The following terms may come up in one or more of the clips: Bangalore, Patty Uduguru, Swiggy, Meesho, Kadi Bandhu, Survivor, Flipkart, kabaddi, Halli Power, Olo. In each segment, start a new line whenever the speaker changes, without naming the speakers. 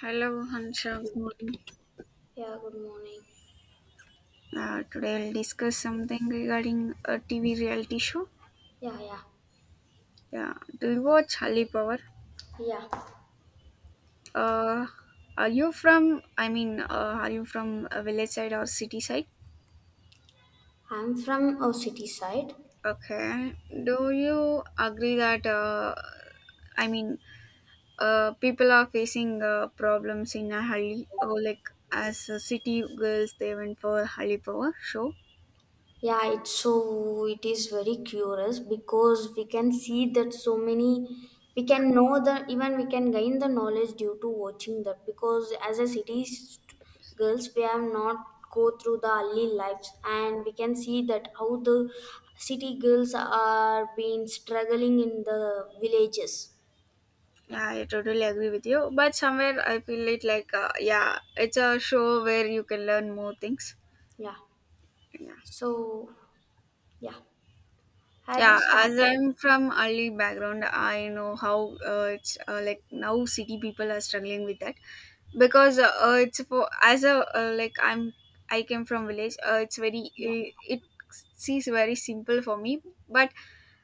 Hello, Hansha. Good morning.
Yeah, good morning.
Today I'll discuss something regarding a TV reality show.
Yeah, yeah,
Yeah. Do you watch Halli Power?
yeah.
Uh, are you from? I mean, are you from a village side or city side?
I'm from a city side.
Okay. Do you agree that? I mean, people are facing problems in a Halli or like as a city girls they went for Halli Power show.
Yeah, it's so it is very curious because we can see that so many we can know the even we can gain the knowledge due to watching that because as a city girls we have not go through the early lives and we can see that how the city girls are being struggling in the villages.
Yeah, I totally agree with you. But somewhere I feel it like, yeah, it's a show where you can learn more things.
Yeah.
Yeah.
So yeah. Have you
Yeah, as
started?
I'm from early background, I know how it's like now city people are struggling with that because it's for as a like I came from village.
Yeah.
It seems very simple for me, but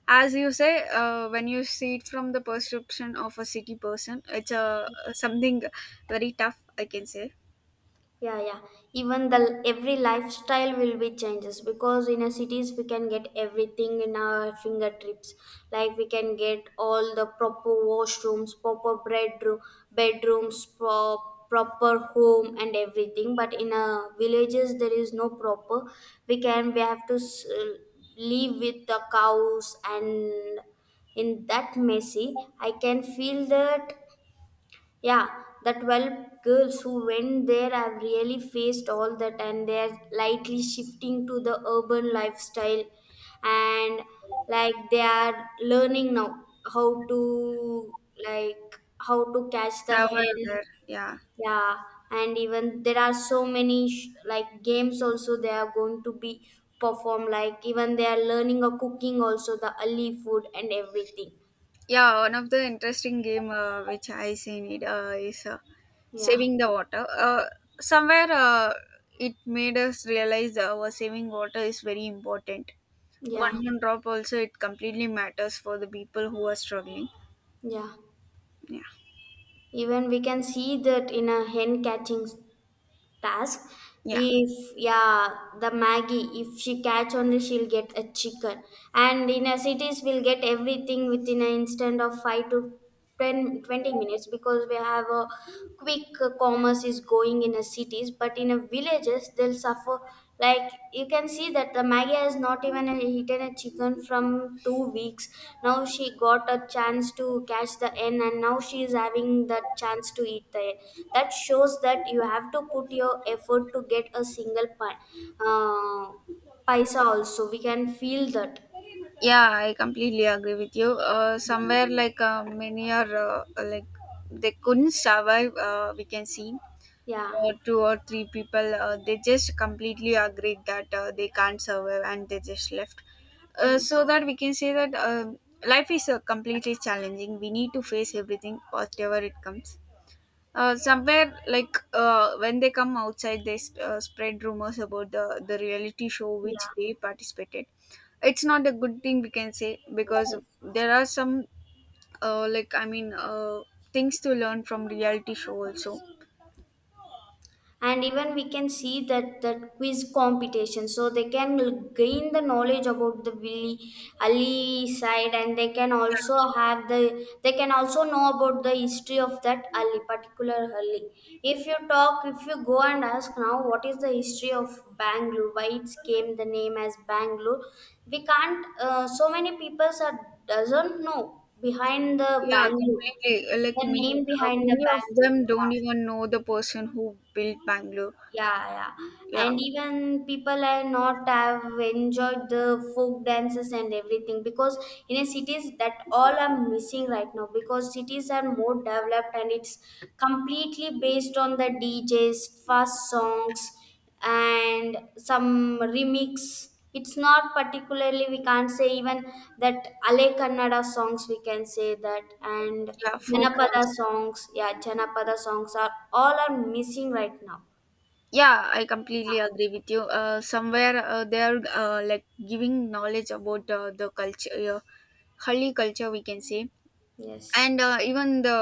as you say, when you see it from the perception of a city person, it's a something very tough. I can say
Yeah, yeah, even the every lifestyle will be changes because in a cities we can get everything in our fingertips, like we can get all the proper washrooms, proper bedroom, bedrooms, proper home and everything, but in a villages there is no proper. We can we have to live with the cows and in that messy, I can feel that. Yeah, the 12 girls who went there have really faced all that and they're lightly shifting to the urban lifestyle, and like they are learning now how to, like how to catch the hen.
Survivor, yeah.
Yeah, and even there are so many like games also they are going to be performed, like even they are learning a cooking also, the Ali food and everything.
Yeah, one of the interesting game which I seen it is
Yeah,
saving the water. Somewhere it made us realize our saving water is very important.
yeah,
One drop also it completely matters for the people who are struggling.
yeah.
Yeah,
Even we can see that in a hen catching task.
yeah,
If yeah, the Maggie, if she catch only, she'll get a chicken. And in a cities, we'll get everything within an instant of 5 to 10, 20 minutes because we have a quick commerce is going in a cities. But in a villages, they'll suffer. Like you can see that the Maggie has not even eaten a chicken from 2 weeks. Now she got a chance to catch the end, and now she is having the chance to eat the end. That shows that you have to put your effort to get a single uh, paisa. Also, we can feel that.
yeah. I completely agree with you. Somewhere like many are like they couldn't survive. We can see.
Yeah.
Two or three people they just completely agreed that they can't survive, and they just left, so
Yes.
that we can say that life is completely challenging. We need to face everything whatever it comes. Somewhere, like when they come outside, they spread rumors about the reality show which
Yeah.
they participated. It's not a good thing, we can say, because
Yes.
there are some, like I mean, things to learn from reality show also.
And even we can see that that quiz competition, so they can gain the knowledge about the willy ali side, and they can also have the they can also know about the history of that ali, particular ali. If you talk, if you go and ask now what is the history of Bangalore, why it came the name as Bangalore, we can't. So many people are doesn't know behind the
Yeah,
Bangalore,
completely. Like
the
many,
name
uh,
behind the
many of
Bangalore.
them
Yeah.
don't even know the person who built Bangalore.
Yeah, yeah.
Yeah,
And even people are not have enjoyed the folk dances and everything, because in a cities that all are missing right now, because cities are more developed and it's completely based on the DJs, fast songs and some remix. It's not particularly, we can't say even that Ale Kannada songs, we can say that. And
yeah, folk
Janapada
songs.
songs, yeah, Janapada songs are all are missing right now.
Yeah, I completely agree with you. Somewhere they are like giving knowledge about the culture, uh, Halli culture, we can say.
Yes.
And even the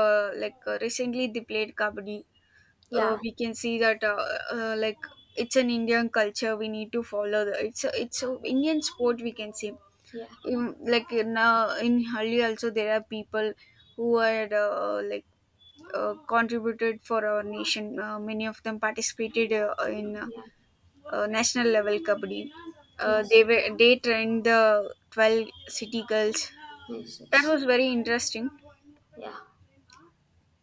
like recently they played kabaddi.
Yeah.
We can see that like it's an Indian culture. We need to follow. It's a Indian sport, we can say.
Yeah.
Like in Hali also there are people who had like contributed for our nation. Many of them participated in
Yeah.
national level kabaddi. Uh,
Yes.
they were they trained the 12 city girls.
Yes.
That
Yes.
was very interesting.
Yeah.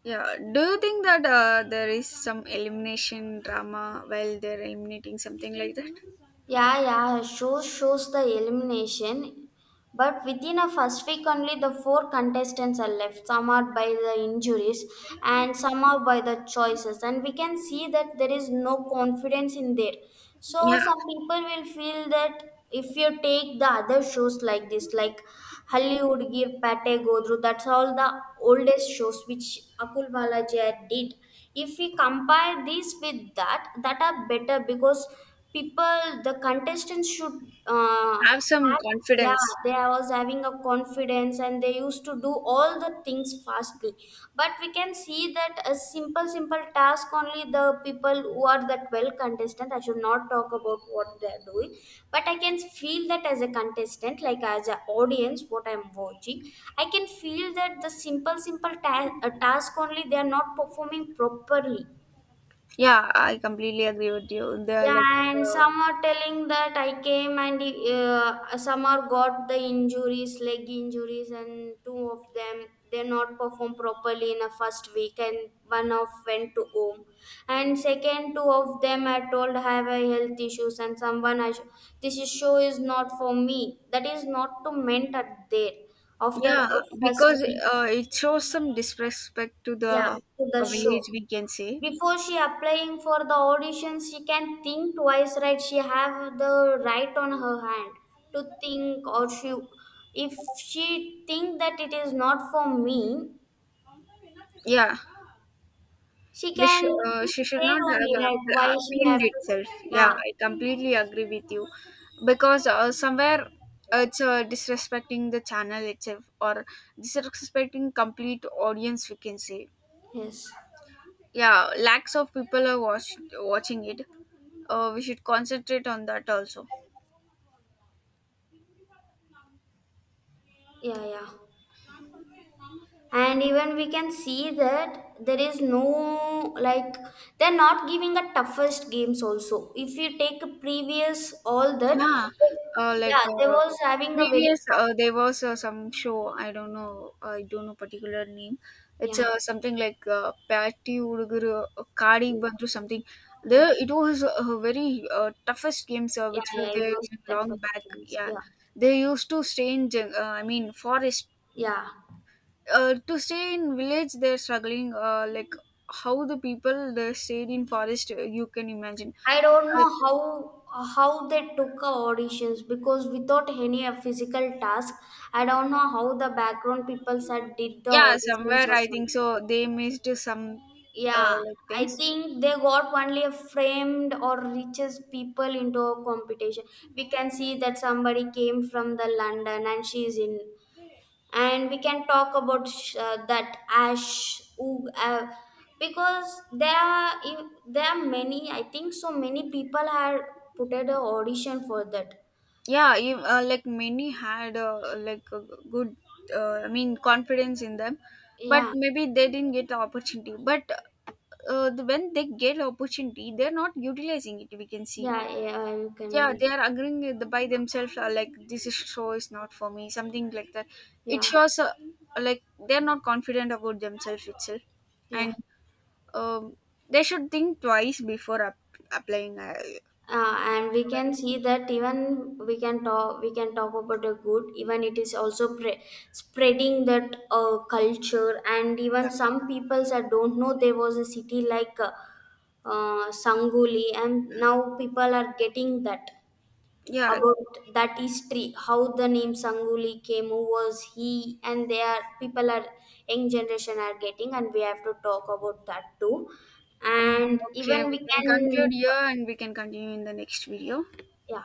Yeah. Do you think that there is some elimination drama while they're eliminating, something like that?
Yeah, yeah, shows the elimination. But within a first week only, the four contestants are left. Some are by the injuries and some are by the choices. And we can see that there is no confidence in there. So
Yeah.
some people will feel that if you take the other shows like this, like Halli Hudgir, Pate Godru, that's all the oldest shows which Akul Balaji had did. If we compare these with that, that are better because people, the contestants should uh,
Have some
act, yeah,
confidence.
they was having a confidence and they used to do all the things fastly. But we can see that a simple simple task only, the people who are the well contestant, I should not talk about what they are doing, but I can feel that as a contestant, like as an audience what I'm watching, I can feel that the simple simple task only they are not performing properly.
Yeah, I completely agree with you. They are like.
Yeah, and
Uh,
some are telling that I came, and some are got the injuries, leg injuries, and two of them they not perform properly in the first week, and one of went to home, and second two of them I told have a health issues, and someone this is show is not for me. That is not to meant at there after
Yeah,
a first
because
week.
it shows some disrespect to
Yeah,
the
to the show.
village, we can say.
Before she applying for the audition, she can think twice, right? She have the right on her hand to think, or she, if she think that it is not for me,
Yeah,
she can quit
she should
there
not
only,
have
right? Why she have
appealed
to,
itself. Yeah,
yeah?
I completely agree with you, because somewhere it's disrespecting the channel itself or disrespecting complete audience, we can say.
Yes.
Yeah, lakhs of people are watching it. We should concentrate on that also.
Yeah. Yeah. And even we can see that there is no like they're not giving the toughest games also. If you take a previous all that,
Yeah,
they,
like
yeah, they
uh,
was having a very
previous,
tough.
there was some show. I don't know. I don't know particular name. It's
Yeah,
something like Patty Uduguru, Kadi
yeah,
Bandhu, something.
yeah, yeah.
There, it was very toughest games
Yeah,
which were
it
there
was the
long back.
first.
Yeah,
Yeah,
they used to stay in I mean, forest.
yeah.
To stay in village, they're struggling. Like how the people they stayed in forest. You can imagine.
I don't know
Uh,
how they took our auditions, because without any physical task, I don't know how the background people said did the
Yeah,
auditions
somewhere
or
I think
something.
so. They missed some
Yeah,
like
I
things.
think they got only a framed or richest people into a competition. We can see that somebody came from the London and she's in. And we can talk about that ash oog, because there are there are many, I think so many people have put at a audition for that.
Yeah, ev like many had like a good, I mean, confidence in them, but
Yeah,
maybe they didn't get the opportunity. But when they get opportunity, they're not utilizing it. We can see.
yeah, yeah, you
Yeah,
can.
they are agreeing by themselves. Like show is not for me. Something like that. It
Yeah,
shows like they're not confident about themselves itself,
yeah,
and um, they should think twice before applying. It's
and we
a very
can see that even we can talk, we can talk about the good, even it is also spreading that culture. And even some peoples that don't know there was a city like Sanguli, and now people are getting that
Yeah.
about that history, how the name Sanguli came, who was he, and they are people are young generation are getting, and we have to talk about that too,
Um,
and
Okay,
even
we
we
can conclude
can,
here and we can continue in the next video.
yeah.